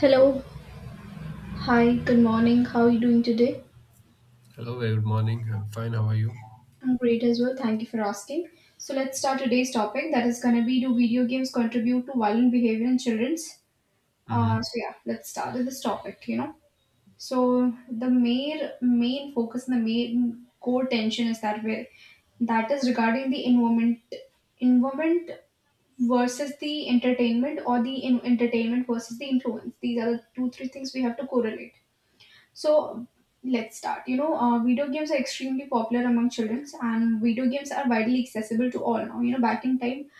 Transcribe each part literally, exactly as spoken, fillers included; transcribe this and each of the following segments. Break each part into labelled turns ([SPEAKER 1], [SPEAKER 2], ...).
[SPEAKER 1] Hello. Hi. Good morning. How are you doing today?
[SPEAKER 2] Hello, very good morning. I'm fine. How are you?
[SPEAKER 1] I'm great as well. Thank you for asking. So let's start today's topic. That is going to be, do video games contribute to violent behavior in childrens?
[SPEAKER 2] Mm-hmm.
[SPEAKER 1] Uh, so yeah, let's start with this topic. You know, so the main main focus and the main core tension is that way, that is regarding the environment environment versus the entertainment, or the in- entertainment versus the influence. These are the two three things we have to correlate. So let's start. You know, uh, video games are extremely popular among children, and video games are widely accessible to all now. You know, back in time,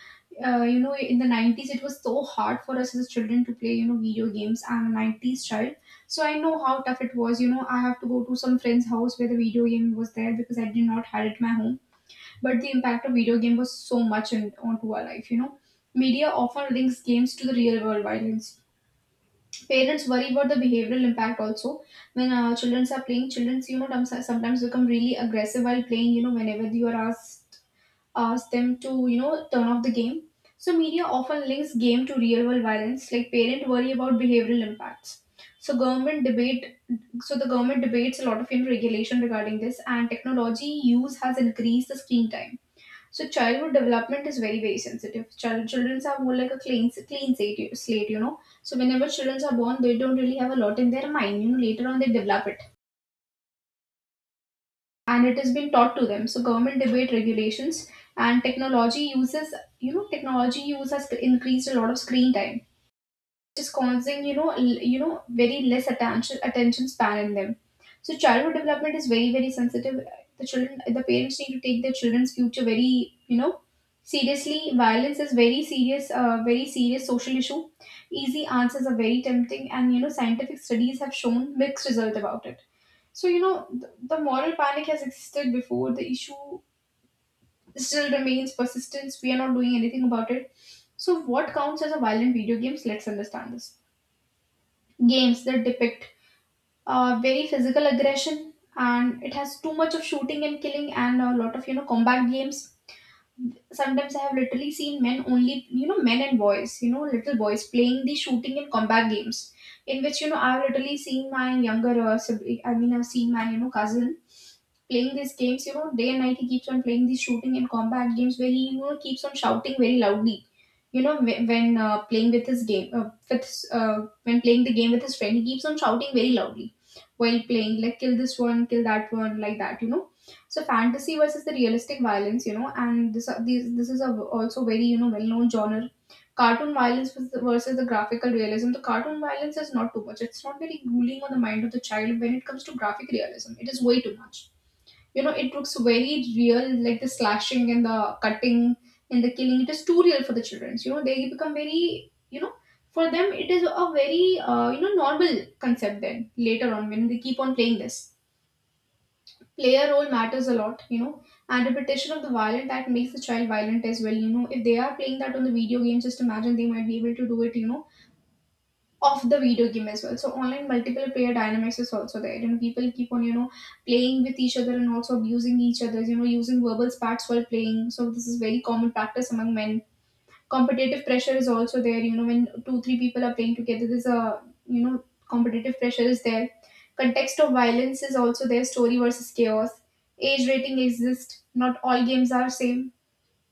[SPEAKER 1] uh, you know, in the nineties, it was so hard for us as children to play, you know, video games. I'm a nineties child, so I know how tough it was. You know, I have to go to some friend's house where the video game was there because I did not had it at my home. But the impact of video game was so much on, onto our life, you know. Media often links games to the real world violence. Parents worry about the behavioral impact also. When uh, children are playing, children, you know, tom- sometimes become really aggressive while playing. You know, whenever you are asked, ask them to, you know, turn off the game. So media often links game to real world violence, like parent worry about behavioral impacts. So government debate, so the government debates a lot of, you know, regulation regarding this, and technology use has increased the screen time, so childhood development is very very sensitive. Child children are more like a clean clean slate, slate, you know. So whenever children are born, they don't really have a lot in their mind. You know, later on they develop it, and it has been taught to them. So government debate regulations and technology uses, you know, technology use has increased a lot of screen time, is causing, you know, l- you know, very less attention attention span in them. So childhood development is very very sensitive. The children the parents need to take their children's future very, you know, seriously. Violence is very serious, uh, very serious social issue. Easy answers are very tempting, and you know scientific studies have shown mixed result about it. So you know, the, the moral panic has existed before, the issue still remains persistence. We are not doing anything about it. So what counts as a violent video games? Let's understand this. Games that depict uh, very physical aggression, and it has too much of shooting and killing and a lot of, you know, combat games. Sometimes I have literally seen men only, you know, men and boys, you know, little boys playing the shooting and combat games in which, you know, I've literally seen my younger uh, sibling. I mean, I've seen my, you know, cousin playing these games, you know, day and night. He keeps on playing these shooting and combat games, where he, you know, keeps on shouting very loudly. You know, wh- when uh, playing with his game, uh, with his, uh, when playing the game with his friend, he keeps on shouting very loudly while playing, like kill this one, kill that one, like that. You know, so fantasy versus the realistic violence. You know, and this uh, these this is a, also very, you know, well known genre. Cartoon violence was- the- versus the graphical realism. The cartoon violence is not too much. It's not very grueling on the mind of the child. When it comes to graphic realism, it is way too much. You know, it looks very real, like the slashing and the cutting and the killing. It is too real for the children. You know, they become very, you know, for them it is a very, uh, you know, normal concept then later on when they keep on playing this. Player role matters a lot, you know, and repetition of the violent that makes the child violent as well. You know, if they are playing that on the video game, just imagine they might be able to do it, you know, of the video game as well. So online multiple player dynamics is also there. You know, people keep on, you know, playing with each other and also abusing each other. You know, using verbal spats while playing. So this is very common practice among men. Competitive pressure is also there. You know, when two three people are playing together, there's a, you know, competitive pressure is there. Context of violence is also there. Story versus chaos. Age rating exists. Not all games are same.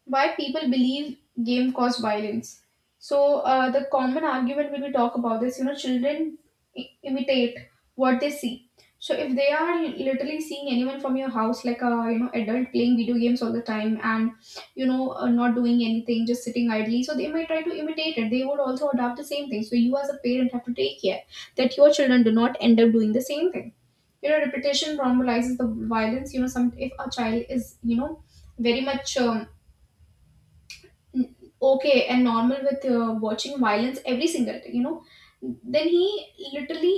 [SPEAKER 1] Why people believe game caused violence? So uh, the common argument when we talk about this, you know, children i- imitate what they see. So if they are literally seeing anyone from your house, like a, you know, adult playing video games all the time and, you know, uh, not doing anything, just sitting idly, so they might try to imitate it. They would also adopt the same thing. So you as a parent have to take care that your children do not end up doing the same thing. You know, repetition normalizes the violence. You know, some if a child is, you know, very much. Um, okay, and normal with uh, watching violence every single day, you know, then he literally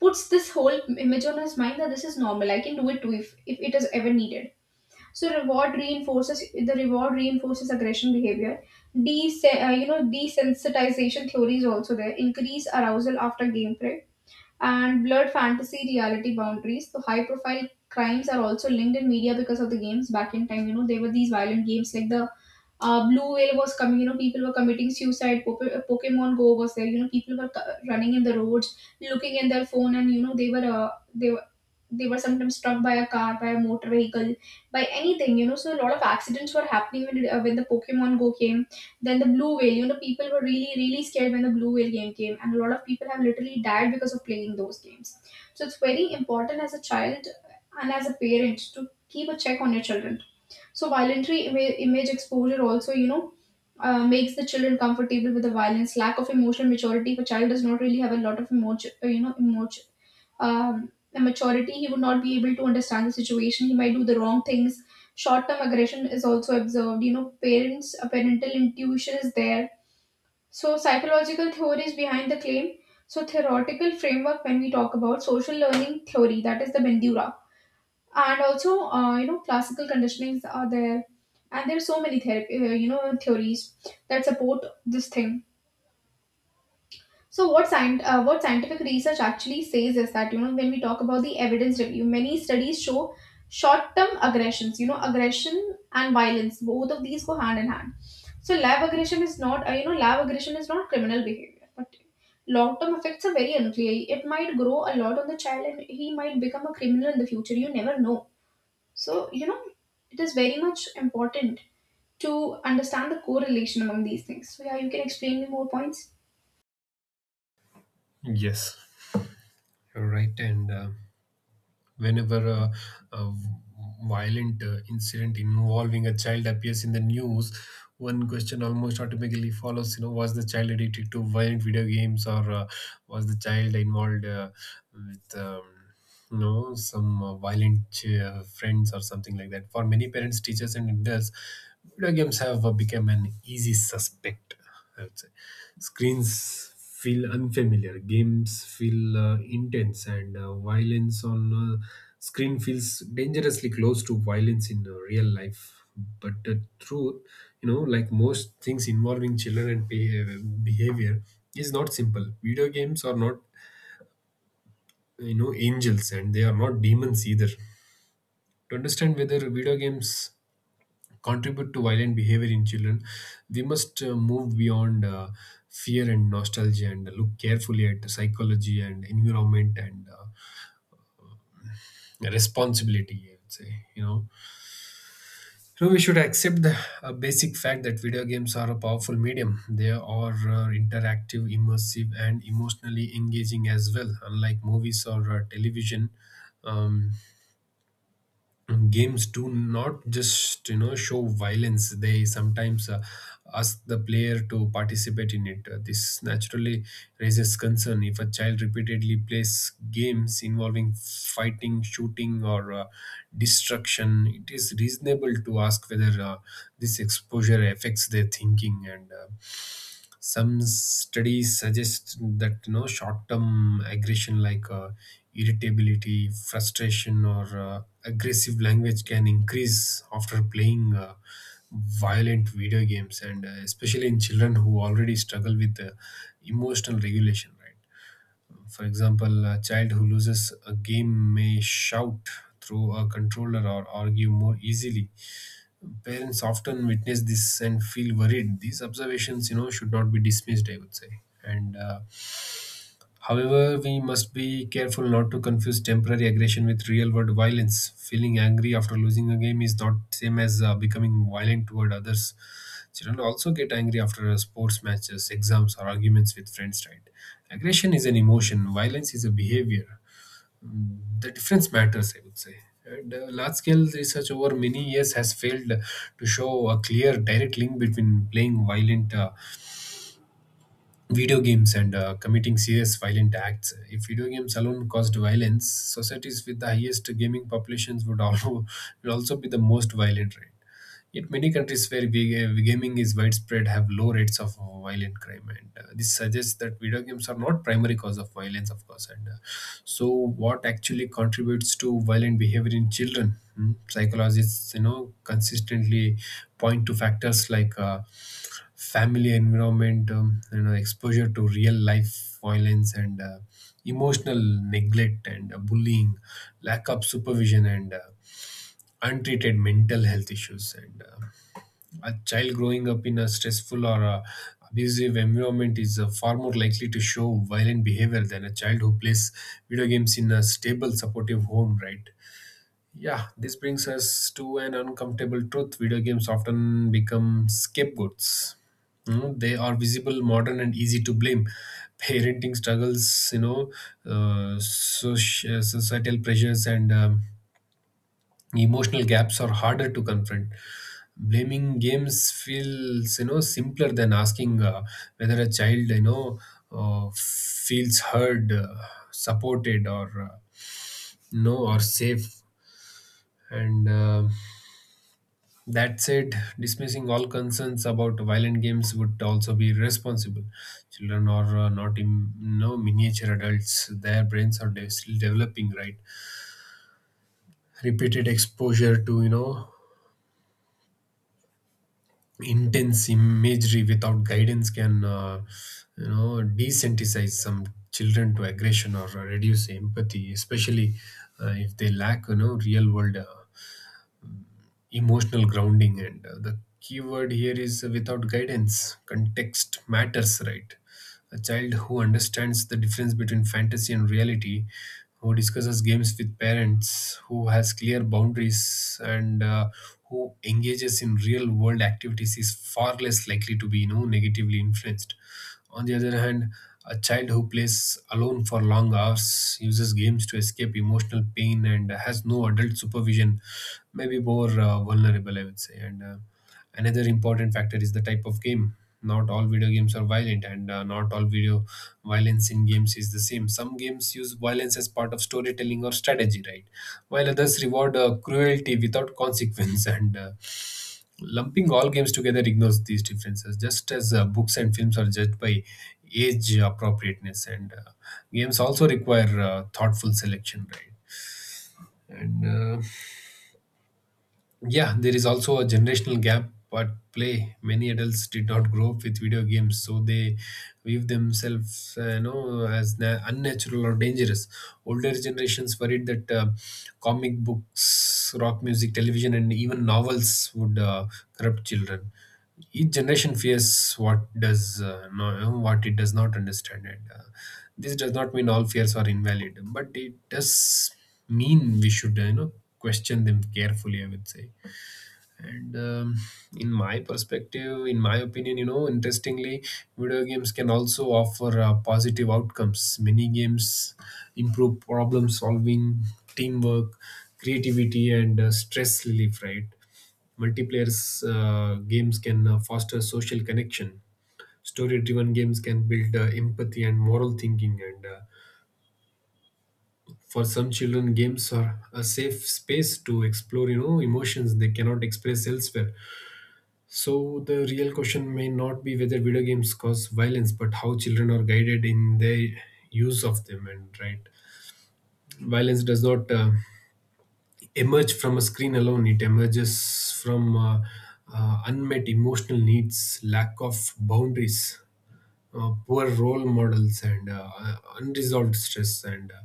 [SPEAKER 1] puts this whole image on his mind that this is normal, I can do it too, if, if it is ever needed. So reward reinforces the reward reinforces aggression behavior. Des uh, You know, desensitization theory is also there, increase arousal after gameplay and blurred fantasy reality boundaries. So high profile crimes are also linked in media because of the games. Back in time, you know, there were these violent games like the uh, blue whale was coming. You know, people were committing suicide. Pope- uh, Pokemon Go was there. You know, people were co- running in the roads looking in their phone, and you know, they were uh, they were they were sometimes struck by a car, by a motor vehicle, by anything. You know, so a lot of accidents were happening when, it, uh, when the Pokemon Go came. Then the blue whale, you know, people were really really scared when the blue whale game came, and a lot of people have literally died because of playing those games. So it's very important as a child and as a parent to keep a check on your children. So violent image exposure also, you know, uh, makes the children comfortable with the violence. Lack of emotional maturity. If a child does not really have a lot of emotion, you know, emotion, um, maturity, he would not be able to understand the situation. He might do the wrong things. Short-term aggression is also observed. You know, parents, a parental intuition is there. So psychological theories behind the claim. So theoretical framework when we talk about social learning theory, that is the Bandura, and also uh, you know, classical conditionings are there, and there are so many therapy uh, you know, theories that support this thing. So what scient- uh, what scientific research actually says is that, you know, when we talk about the evidence review, many studies show short term aggressions. You know, aggression and violence, both of these go hand in hand. So lab aggression is not, uh, you know, lab aggression is not criminal behavior, but long term effects are very unclear. It might grow a lot on the child and he might become a criminal in the future, you never know. So, you know, it is very much important to understand the correlation among these things. So, yeah, you can explain me more points?
[SPEAKER 2] Yes, you're right. And uh, whenever a, a violent uh, incident involving a child appears in the news, one question almost automatically follows. You know, was the child addicted to violent video games, or uh, was the child involved uh, with um, no, some uh, violent uh, friends or something like that. For many parents, teachers, and adults, video games have uh, become an easy suspect. I would say screens feel unfamiliar, games feel uh, intense, and uh, violence on uh, screen feels dangerously close to violence in uh, real life. But the truth, you know, like most things involving children and behavior, behavior is not simple. Video games are not, you know, angels, and they are not demons either. To understand whether video games contribute to violent behavior in children, we must uh, move beyond uh, fear and nostalgia and look carefully at the psychology and environment and uh, responsibility, I would say, you know. So we should accept the a basic fact that video games are a powerful medium. They are uh, interactive, immersive, and emotionally engaging as well. Unlike movies or uh, television, um, games do not just, you know, show violence. They sometimes uh, ask the player to participate in it. Uh, this naturally raises concern. If a child repeatedly plays games involving fighting, shooting, or uh, destruction, it is reasonable to ask whether uh, this exposure affects their thinking. And uh, some studies suggest that, you know, short-term aggression like uh, irritability, frustration, or uh, aggressive language can increase after playing uh, violent video games, and uh, especially in children who already struggle with uh, emotional regulation, right? For example, a child who loses a game may shout through a controller or argue more easily. Parents often witness this and feel worried. These observations, you know, should not be dismissed, I would say. And uh, however, we must be careful not to confuse temporary aggression with real-world violence. Feeling angry after losing a game is not same as uh, becoming violent toward others. Children also get angry after uh, sports matches, exams, or arguments with friends, right? Aggression is an emotion. Violence is a behavior. The difference matters, I would say. And uh, large scale research over many years has failed to show a clear, direct link between playing violent uh, video games and uh, committing serious violent acts. If video games alone caused violence, societies with the highest gaming populations would also, will also be the most violent, right? Yet many countries where vi- uh, gaming is widespread have low rates of violent crime, and uh, this suggests that video games are not primary cause of violence, of course. And uh, so, what actually contributes to violent behavior in children? Hmm? Psychologists, you know, consistently point to factors like uh, family environment, um, you know, exposure to real life violence, and uh, emotional neglect and uh, bullying, lack of supervision, and uh, untreated mental health issues. And uh, a child growing up in a stressful or uh abusive environment is uh, far more likely to show violent behavior than a child who plays video games in a stable, supportive home, right? Yeah, this brings us to an uncomfortable truth. Video games often become scapegoats. Mm, they are visible, modern, and easy to blame. Parenting struggles, you know, uh, soci- societal pressures, and um, emotional gaps are harder to confront. Blaming games feels, you know, simpler than asking uh, whether a child, you know, uh, feels heard, uh, supported, or uh, no or safe. And uh, that said, dismissing all concerns about violent games would also be irresponsible. Children are uh, not in no miniature adults; their brains are de- still developing, right? Repeated exposure to, you know, intense imagery without guidance can uh, you know, desensitize some children to aggression or reduce empathy, especially uh, if they lack, you know, real world uh, emotional grounding. And uh, the key word here is uh, without guidance. Context matters, right? A child who understands the difference between fantasy and reality, who discusses games with parents, who has clear boundaries, and uh, who engages in real world activities, is far less likely to be, you know, negatively influenced. On the other hand, a child who plays alone for long hours, uses games to escape emotional pain, and has no adult supervision may be more uh, vulnerable, I would say. And uh, another important factor is the type of game. Not all video games are violent, and uh, not all video violence in games is the same. Some games use violence as part of storytelling or strategy, right? While others reward uh, cruelty without consequence, and uh, Lumping all games together ignores these differences, just as uh, books and films are judged by age appropriateness, and uh, games also require uh, thoughtful selection, right? And uh, yeah, there is also a generational gap at play. Many adults did not grow up with video games, so they view themselves, uh, you know, as na- unnatural or dangerous. Older generations worried that uh, comic books, rock music, television, and even novels would uh, corrupt children. Each generation fears what does uh, no, you know, what it does not understand, and uh, this does not mean all fears are invalid, but it does mean we should, you know, question them carefully, I would say. And um, in my perspective, in my opinion, you know, interestingly, video games can also offer uh, positive outcomes. Many games improve problem solving, teamwork, creativity, and uh, stress relief, right? Multiplayer uh, games can uh, foster social connection. Story driven games can build uh, empathy and moral thinking. And uh, for some children, games are a safe space to explore, you know, emotions they cannot express elsewhere. So the real question may not be whether video games cause violence, but how children are guided in their use of them. And right, violence does not uh, emerge from a screen alone. It emerges from uh, uh, unmet emotional needs, lack of boundaries, uh, poor role models, and uh, uh, unresolved stress. And uh,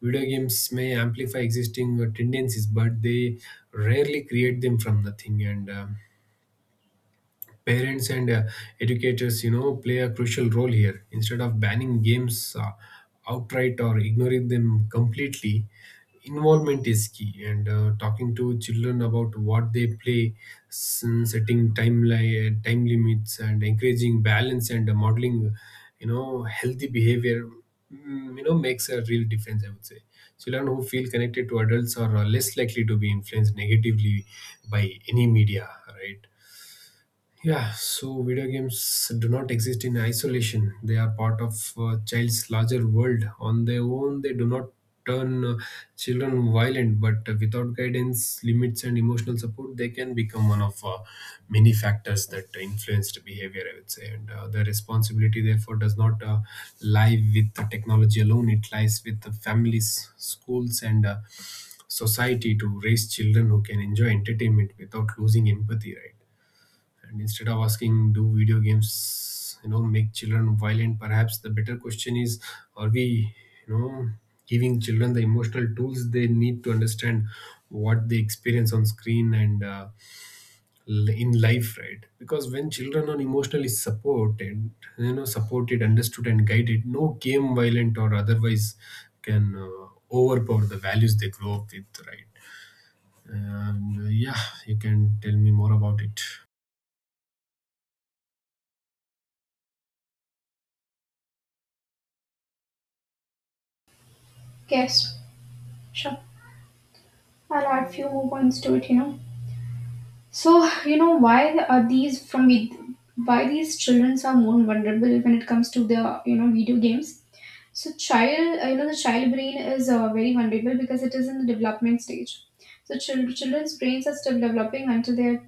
[SPEAKER 2] video games may amplify existing uh, tendencies, but they rarely create them from nothing. And um, parents and uh, educators, you know, play a crucial role here. Instead of banning games uh, outright or ignoring them completely, involvement is key. And uh, talking to children about what they play, s- setting timeline time limits, and encouraging balance, and uh, modeling, you know, healthy behavior, mm, you know, makes a real difference, I would say. Children who feel connected to adults are uh, less likely to be influenced negatively by any media, right? Yeah, so video games do not exist in isolation. They are part of a child's larger world. On their own, they do not turn uh, children violent, but uh, without guidance, limits, and emotional support, they can become one of uh, many factors that influenced behavior, I would say. And uh, the responsibility, therefore, does not uh, lie with the technology alone. It lies with the families, schools, and uh, society to raise children who can enjoy entertainment without losing empathy, right? And instead of asking, do video games, you know, make children violent, perhaps the better question is, are we, you know, giving children the emotional tools they need to understand what they experience on screen and uh, l- in life, right? Because when children are emotionally supported you know supported understood, and guided, no game, violent or otherwise, can uh, overpower the values they grow up with, right? And uh, yeah, you can tell me more about it.
[SPEAKER 1] Yes, sure. I'll add few more points to it, you know. So, you know, why are these from vid- why these children are more vulnerable when it comes to the, you know, video games? So, child, uh, you know, the child brain is, uh, very vulnerable because it is in the development stage. So, chil- children's brains are still developing until they are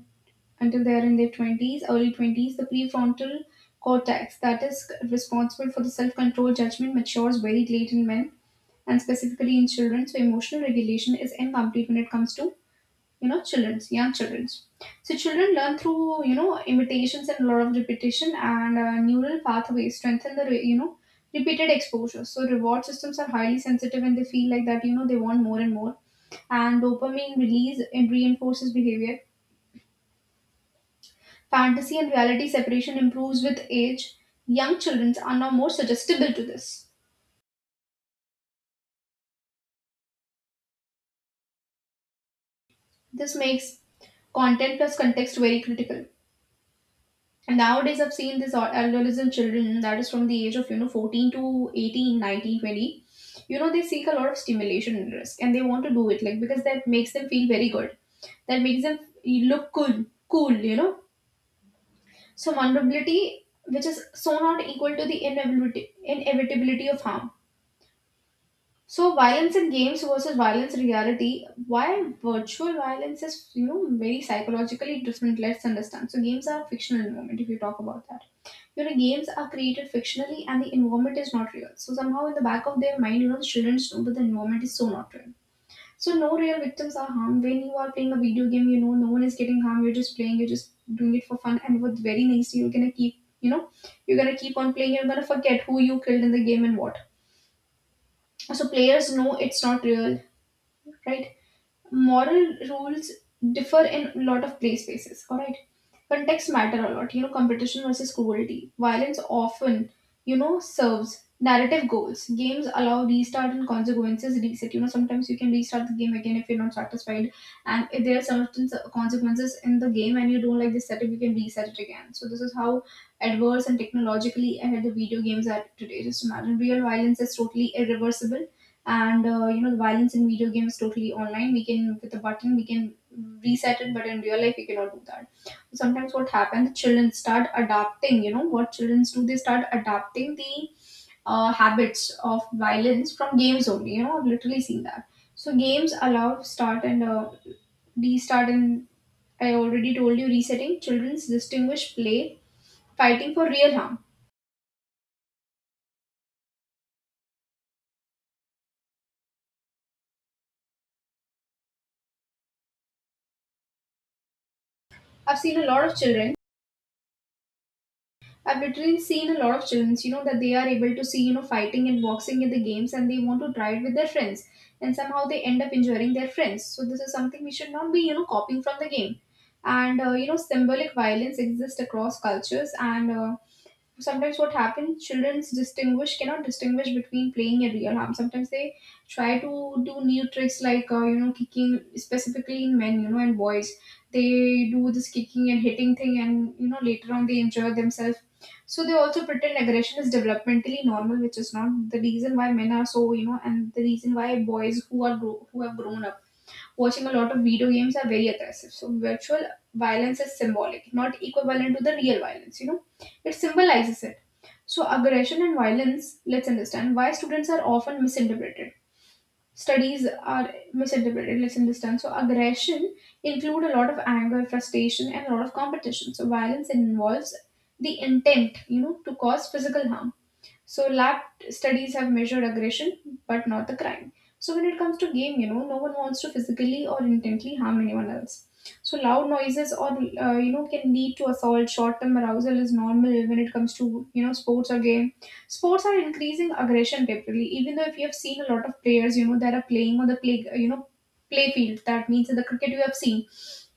[SPEAKER 1] until they are in their twenties, early twenties, the prefrontal cortex that is responsible for the self control judgment matures very late in men and specifically in children. So, emotional regulation is incomplete when it comes to, you know, children's young children's. So children learn through, you know, imitations and a lot of repetition, and uh, neural pathways strengthen the re- you know, repeated exposure. So reward systems are highly sensitive and they feel like that, you know, they want more and more, and dopamine release and reinforces behavior. Fantasy and reality separation improves with age. Young children are now more suggestible to this. This makes content plus context very critical. And nowadays, I've seen this al- children that is from the age of, you know, fourteen to eighteen, nineteen, twenty. You know, they seek a lot of stimulation and risk and they want to do it, like, because that makes them feel very good. That makes them look cool, cool, you know. So vulnerability, which is so not equal to the inevitability, inevitability of harm. So violence in games versus violence in reality. Why virtual violence is, you know, very psychologically different. Let's understand. So games are fictional environment. If you talk about that, you know, games are created fictionally and the environment is not real. So somehow in the back of their mind, you know, the children know that the environment is so not real. So no real victims are harmed when you are playing a video game. You know, no one is getting harmed. You're just playing. You're just doing it for fun. And with very next, you're gonna keep you know you're gonna keep on playing. You're gonna forget who you killed in the game and what. So players know it's not real, right? Moral rules differ in a lot of play spaces, all right? Context matter a lot, you know, competition versus cruelty. Violence often, you know, serves narrative goals. Games allow restart and consequences reset. You know, sometimes you can restart the game again if you're not satisfied. And if there are certain s- consequences in the game and you don't like the setup, you can reset it again. So this is how adverse and technologically ahead the video games are today. Just imagine real violence is totally irreversible, and uh, you know, the violence in video games totally online, we can, with a button, we can reset it, but in real life we cannot do that. Sometimes what happens, children start adapting. You know what children do, they start adapting the uh, habits of violence from games only. You know, I've literally seen that. So games allow start and uh, restart and, I already told you, resetting. Children's distinguish play fighting for real harm. I've seen a lot of children. I've literally seen a lot of children, you know, that they are able to see, you know, fighting and boxing in the games and they want to try it with their friends. And somehow they end up injuring their friends. So this is something we should not be, you know, copying from the game. And, uh, you know, symbolic violence exists across cultures. And, uh, sometimes what happens, childrens distinguish cannot distinguish between playing and real harm. Sometimes they try to do new tricks like, uh, you know, kicking, specifically in men, you know, and boys. They do this kicking and hitting thing and, you know, later on they injure themselves. So they also pretend aggression is developmentally normal, which is not the reason why men are so, you know, and the reason why boys who are gro- who have grown up watching a lot of video games are very aggressive. So virtual violence is symbolic, not equivalent to the real violence, you know. It symbolizes it. So aggression and violence, let's understand why students are often misinterpreted. Studies are misinterpreted, let's understand. So aggression include a lot of anger, frustration, and a lot of competition. So violence involves the intent, you know, to cause physical harm. So lab studies have measured aggression, but not the crime. So when it comes to game, you know, no one wants to physically or intently harm anyone else. So loud noises or, uh, you know, can lead to assault. Short-term arousal is normal when it comes to, you know, sports or game. Sports are increasing aggression temporarily. Even though if you have seen a lot of players, you know, that are playing on the play, you know, play field. That means in the cricket you have seen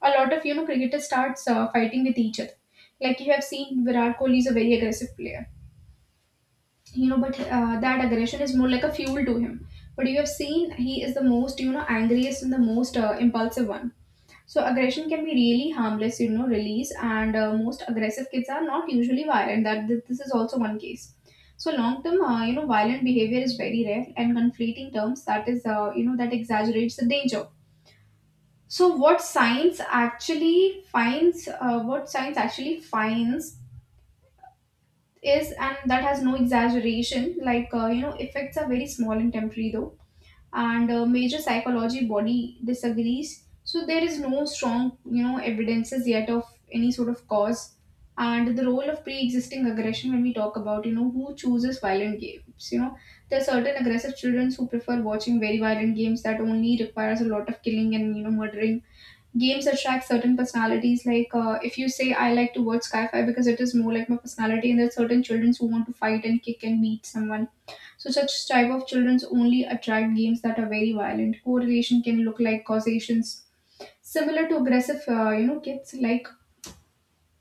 [SPEAKER 1] a lot of, you know, cricketers starts uh, fighting with each other. Like you have seen, Virat Kohli is a very aggressive player, you know, but uh, that aggression is more like a fuel to him. But you have seen he is the most, you know, angriest and the most uh, impulsive one. So aggression can be really harmless, you know, release. And uh, most aggressive kids are not usually violent. That th- this is also one case. So long term, uh, you know, violent behavior is very rare, and conflating terms, that is, uh, you know, that exaggerates the danger. So what science actually finds uh, what science actually finds is, and that has no exaggeration, like, uh, you know, effects are very small and temporary though. And uh, major psychology body disagrees. So there is no strong, you know, evidences yet of any sort of cause. And the role of pre-existing aggression, when we talk about, you know, who chooses violent games, you know, there are certain aggressive children who prefer watching very violent games that only requires a lot of killing and, you know, murdering. Games attract certain personalities. Like, uh, if you say I like to watch sci-fi because it is more like my personality, and there are certain children who want to fight and kick and beat someone. So such type of children only attract games that are very violent. Correlation can look like causations, similar to aggressive, uh, you know, kids like.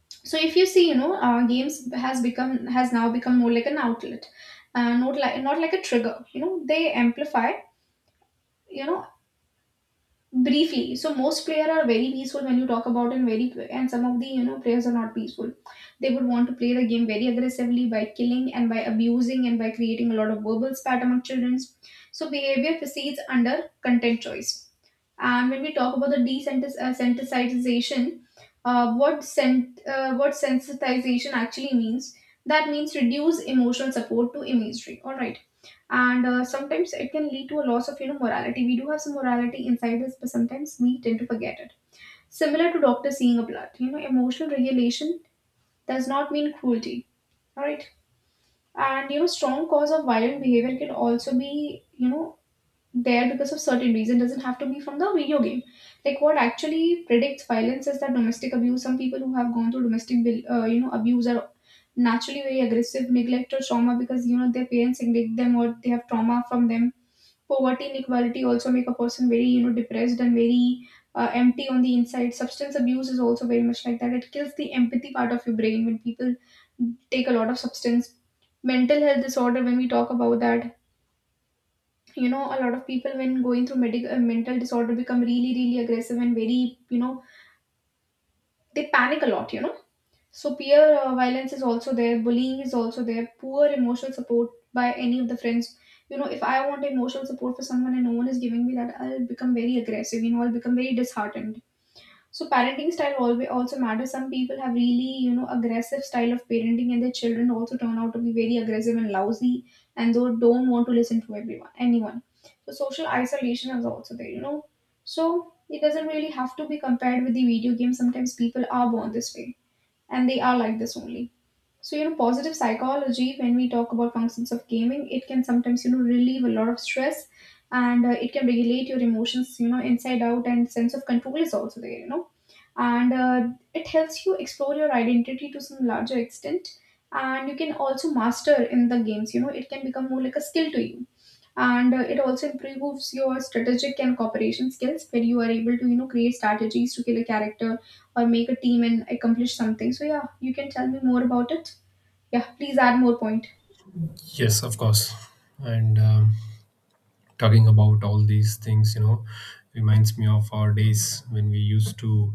[SPEAKER 1] So if you see, you know, uh, games has become, has now become more like an outlet, uh, not like not like a trigger, you know. They amplify, you know, briefly. So most players are very peaceful, when you talk about, and very, and some of the, you know, players are not peaceful. They would want to play the game very aggressively by killing and by abusing and by creating a lot of verbal spat among children. So behavior proceeds under content choice. And when we talk about the desensitization, uh, what sen- uh, what sensitization actually means? That means reduce emotional support to imagery. All right. And uh, sometimes it can lead to a loss of, you know, morality. We do have some morality inside us, but sometimes we tend to forget it. Similar to doctor seeing a blood, you know, emotional regulation does not mean cruelty. All right. And you know, strong cause of violent behavior can also be, you know, there because of certain reason, doesn't have to be from the video game. Like, what actually predicts violence is that domestic abuse. Some people who have gone through domestic vil- uh, you know, abuse are naturally very aggressive. Neglect or trauma, because you know, their parents neglect them or they have trauma from them. Poverty, inequality also make a person very, you know, depressed and very uh, empty on the inside. Substance abuse is also very much like that. It kills the empathy part of your brain when people take a lot of substance. Mental health disorder, when we talk about that, you know, a lot of people when going through medical uh, mental disorder become really really aggressive and very, you know, they panic a lot, you know. So peer, uh, violence is also there, bullying is also there, poor emotional support by any of the friends, you know. If I want emotional support for someone and no one is giving me that, I'll become very aggressive, you know. I'll become very disheartened. So parenting style always also matters. Some people have really, you know, aggressive style of parenting and their children also turn out to be very aggressive and lousy, and they don't want to listen to everyone anyone. So social isolation is also there, you know. So it doesn't really have to be compared with the video game. Sometimes people are born this way and they are like this only. So, you know, positive psychology, when we talk about functions of gaming, it can sometimes, you know, relieve a lot of stress. And uh, it can regulate your emotions, you know, inside out, and sense of control is also there, you know. And uh, it helps you explore your identity to some larger extent. And you can also master in the games, you know, it can become more like a skill to you. And uh, it also improves your strategic and cooperation skills, where you are able to, you know, create strategies to kill a character or make a team and accomplish something. So, yeah, you can tell me more about it. Yeah, please add more point.
[SPEAKER 2] Yes, of course. And um, talking about all these things, you know, reminds me of our days when we used to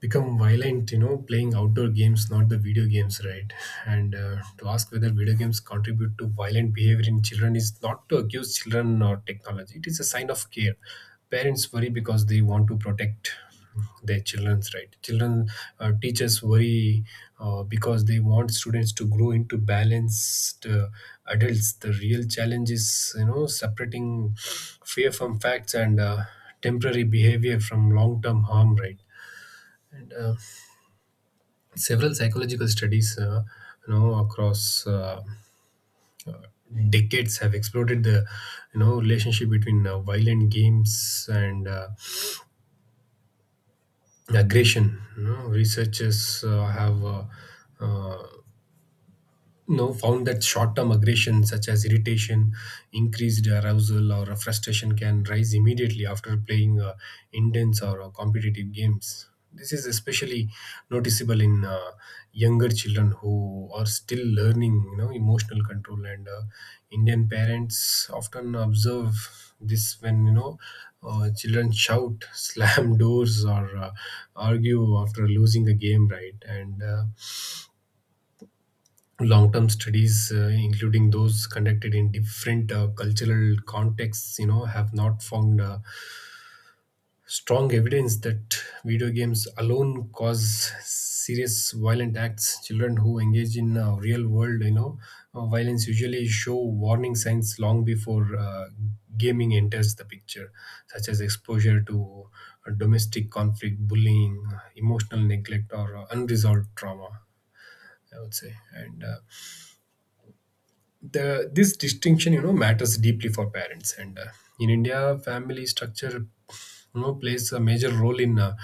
[SPEAKER 2] become violent, you know, playing outdoor games, not the video games, right? And uh, to ask whether video games contribute to violent behavior in children is not to accuse children or technology. It is a sign of care. Parents worry because they want to protect their children's right. Children, uh, teachers worry uh, because they want students to grow into balanced uh, adults. The real challenge is, you know, separating fear from facts, and uh, temporary behavior from long term harm, right? And uh, Several psychological studies, uh, you know, across uh, uh, decades have exploded the, you know, relationship between uh, violent games and uh, aggression. You know, researchers uh, have uh, uh, you know, found that short-term aggression such as irritation, increased arousal, or frustration can rise immediately after playing uh, intense or uh, competitive games. This is especially noticeable in uh, younger children who are still learning, you know, emotional control. And uh, Indian parents often observe this when, you know, uh, children shout, slam doors, or uh, argue after losing a game, right? And uh, long-term studies, uh, including those conducted in different uh, cultural contexts, you know, have not found uh, strong evidence that video games alone cause serious violent acts. Children who engage in uh, real-world, you know, uh, violence usually show warning signs long before uh, gaming enters the picture, such as exposure to uh, domestic conflict, bullying, uh, emotional neglect, or uh, unresolved trauma, I would say. And uh, the this distinction, you know, matters deeply for parents. And uh, in india family structure, you know, plays a major role in uh,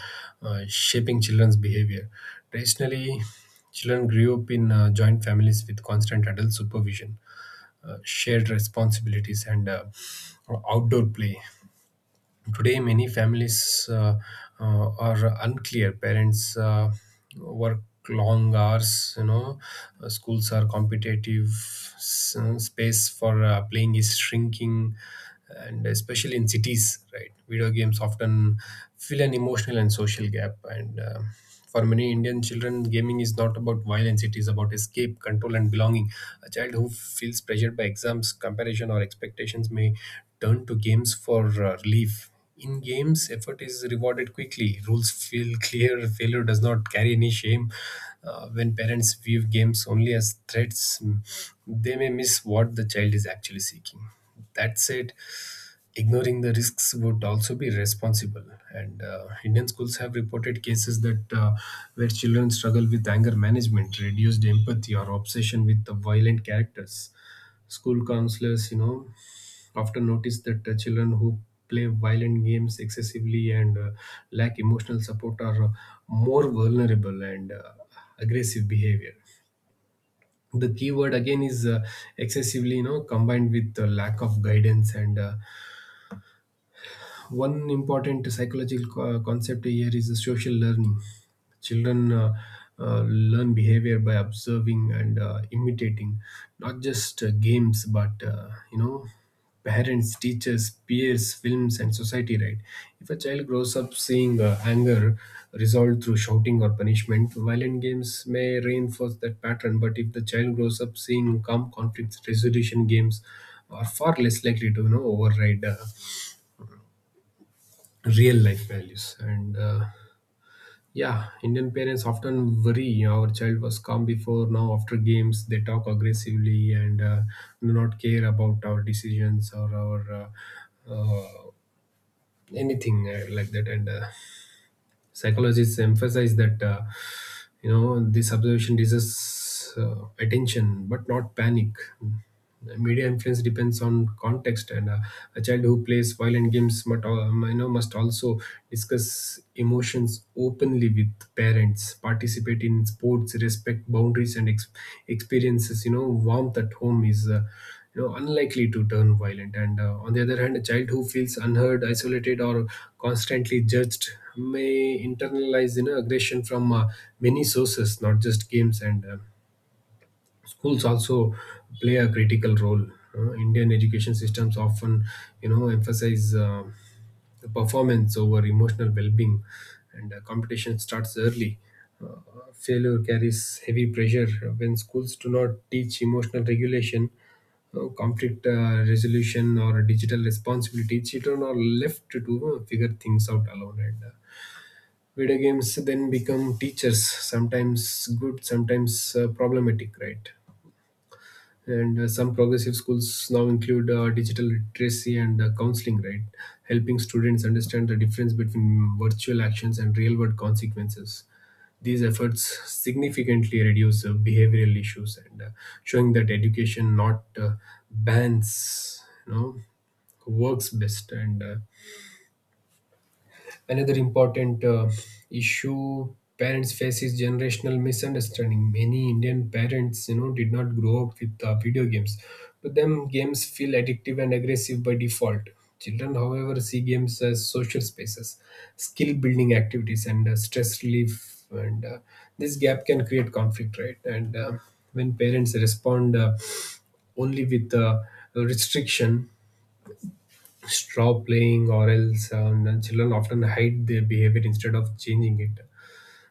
[SPEAKER 2] uh, shaping children's behavior. Traditionally, children grew up in uh, joint families with constant adult supervision, uh, shared responsibilities, and uh, outdoor play. Today, many families uh, uh, are unclear. Parents uh, work long hours, you know. Uh, schools are competitive, s- space for uh, playing is shrinking, and especially in cities, right? Video games often fill an emotional and social gap, and uh, for many Indian children, gaming is not about violence, it is about escape, control, and belonging. A child who feels pressured by exams, comparison, or expectations may turn to games for uh, relief. In games, effort is rewarded quickly. Rules feel clear. Failure does not carry any shame. Uh, when parents view games only as threats, mm, they may miss what the child is actually seeking. That said, ignoring the risks would also be responsible, and uh, indian schools have reported cases that uh, where children struggle with anger management, reduced empathy, or obsession with the violent characters. School counselors, you know, often notice that uh, children who play violent games excessively and uh, lack emotional support are uh, more vulnerable and uh, aggressive behavior. The key word again is uh, excessively, you know, combined with the lack of guidance. And uh, one important psychological co- concept here is the social learning. Children uh, uh, learn behavior by observing and uh, imitating, not just uh, games, but uh, you know, parents, teachers, peers, films, and society. Right? If a child grows up seeing uh, anger resolved through shouting or punishment, violent games may reinforce that pattern. But if the child grows up seeing calm conflict resolution games, are far less likely to, you know, override. Uh, real life values. And uh, yeah indian parents often worry, our child was calm before, now after games they talk aggressively and uh, do not care about our decisions or our uh, uh, anything uh, like that. And uh, Psychologists emphasize that, uh, you know this observation deserves uh, attention but not panic. Media influence depends on context. And uh, a child who plays violent games but um, you know, must also discuss emotions openly with parents, participate in sports, respect boundaries, and ex- experiences, you know, warmth at home is uh, you know unlikely to turn violent. And uh, on the other hand, a child who feels unheard, isolated, or constantly judged may internalize, you know, aggression from uh, many sources, not just games. And uh, Schools also play a critical role. Uh, indian education systems often, you know, emphasize uh, the performance over emotional well-being, and uh, competition starts early. Uh, Failure carries heavy pressure. When schools do not teach emotional regulation, uh, conflict uh, resolution, or digital responsibility, children are left to uh, figure things out alone, and uh, video games then become teachers, sometimes good, sometimes uh, problematic, right? and uh, Some progressive schools now include uh, digital literacy and uh, counseling, right, helping students understand the difference between virtual actions and real world consequences. These efforts significantly reduce uh, behavioral issues, and uh, showing that education, not uh, bans, you know, works best. And uh, Another important uh, issue parents face is generational misunderstanding. Many Indian parents, you know, did not grow up with uh, video games. To them, games feel addictive and aggressive by default. Children, however, see games as social spaces, skill building activities, and uh, stress relief. And uh, This gap can create conflict, right? And uh, When parents respond uh, only with uh, restriction, straw playing or else, um, and children often hide their behavior instead of changing it.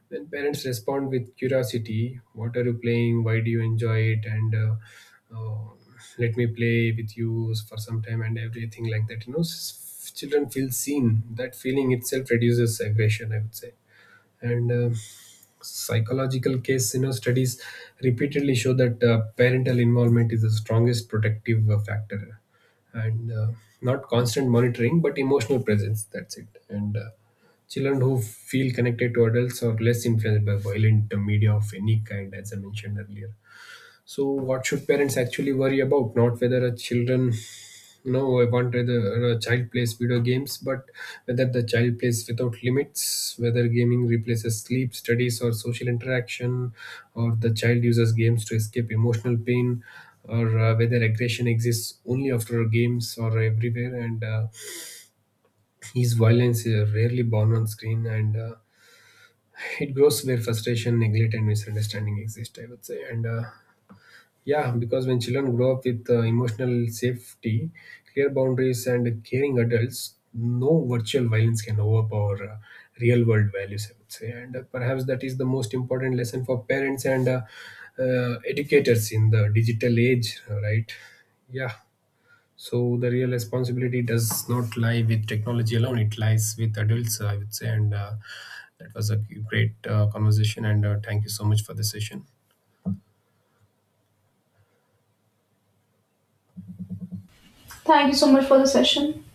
[SPEAKER 2] Then parents respond with curiosity, what are you playing, why do you enjoy it, and uh, uh, let me play with you for some time and everything like that, you know. S- children feel seen, that feeling itself reduces aggression, I would say. And uh, Psychological case, you know, studies repeatedly show that uh, parental involvement is the strongest protective uh, factor, and uh, not constant monitoring but emotional presence, that's it. And uh, Children who feel connected to adults are less influenced by violent uh, media of any kind, as I mentioned earlier. So, what should parents actually worry about? Not whether a children, no, I want whether a child plays video games, but whether the child plays without limits, whether gaming replaces sleep, studies, or social interaction, or the child uses games to escape emotional pain, or uh, whether aggression exists only after games or everywhere. And uh, his violence is rarely born on screen, and uh, it grows where frustration, neglect, and misunderstanding exist, I would say. and. Uh, yeah, because when children grow up with uh, emotional safety, clear boundaries, and caring adults, no virtual violence can overpower uh, real world values, I would say. And uh, Perhaps that is the most important lesson for parents and uh, uh, educators in the digital age, right? Yeah. So the real responsibility does not lie with technology alone; it lies with adults, I would say. And uh, That was a great uh, conversation. And uh, Thank you so much for the session.
[SPEAKER 1] Thank you so much for the session.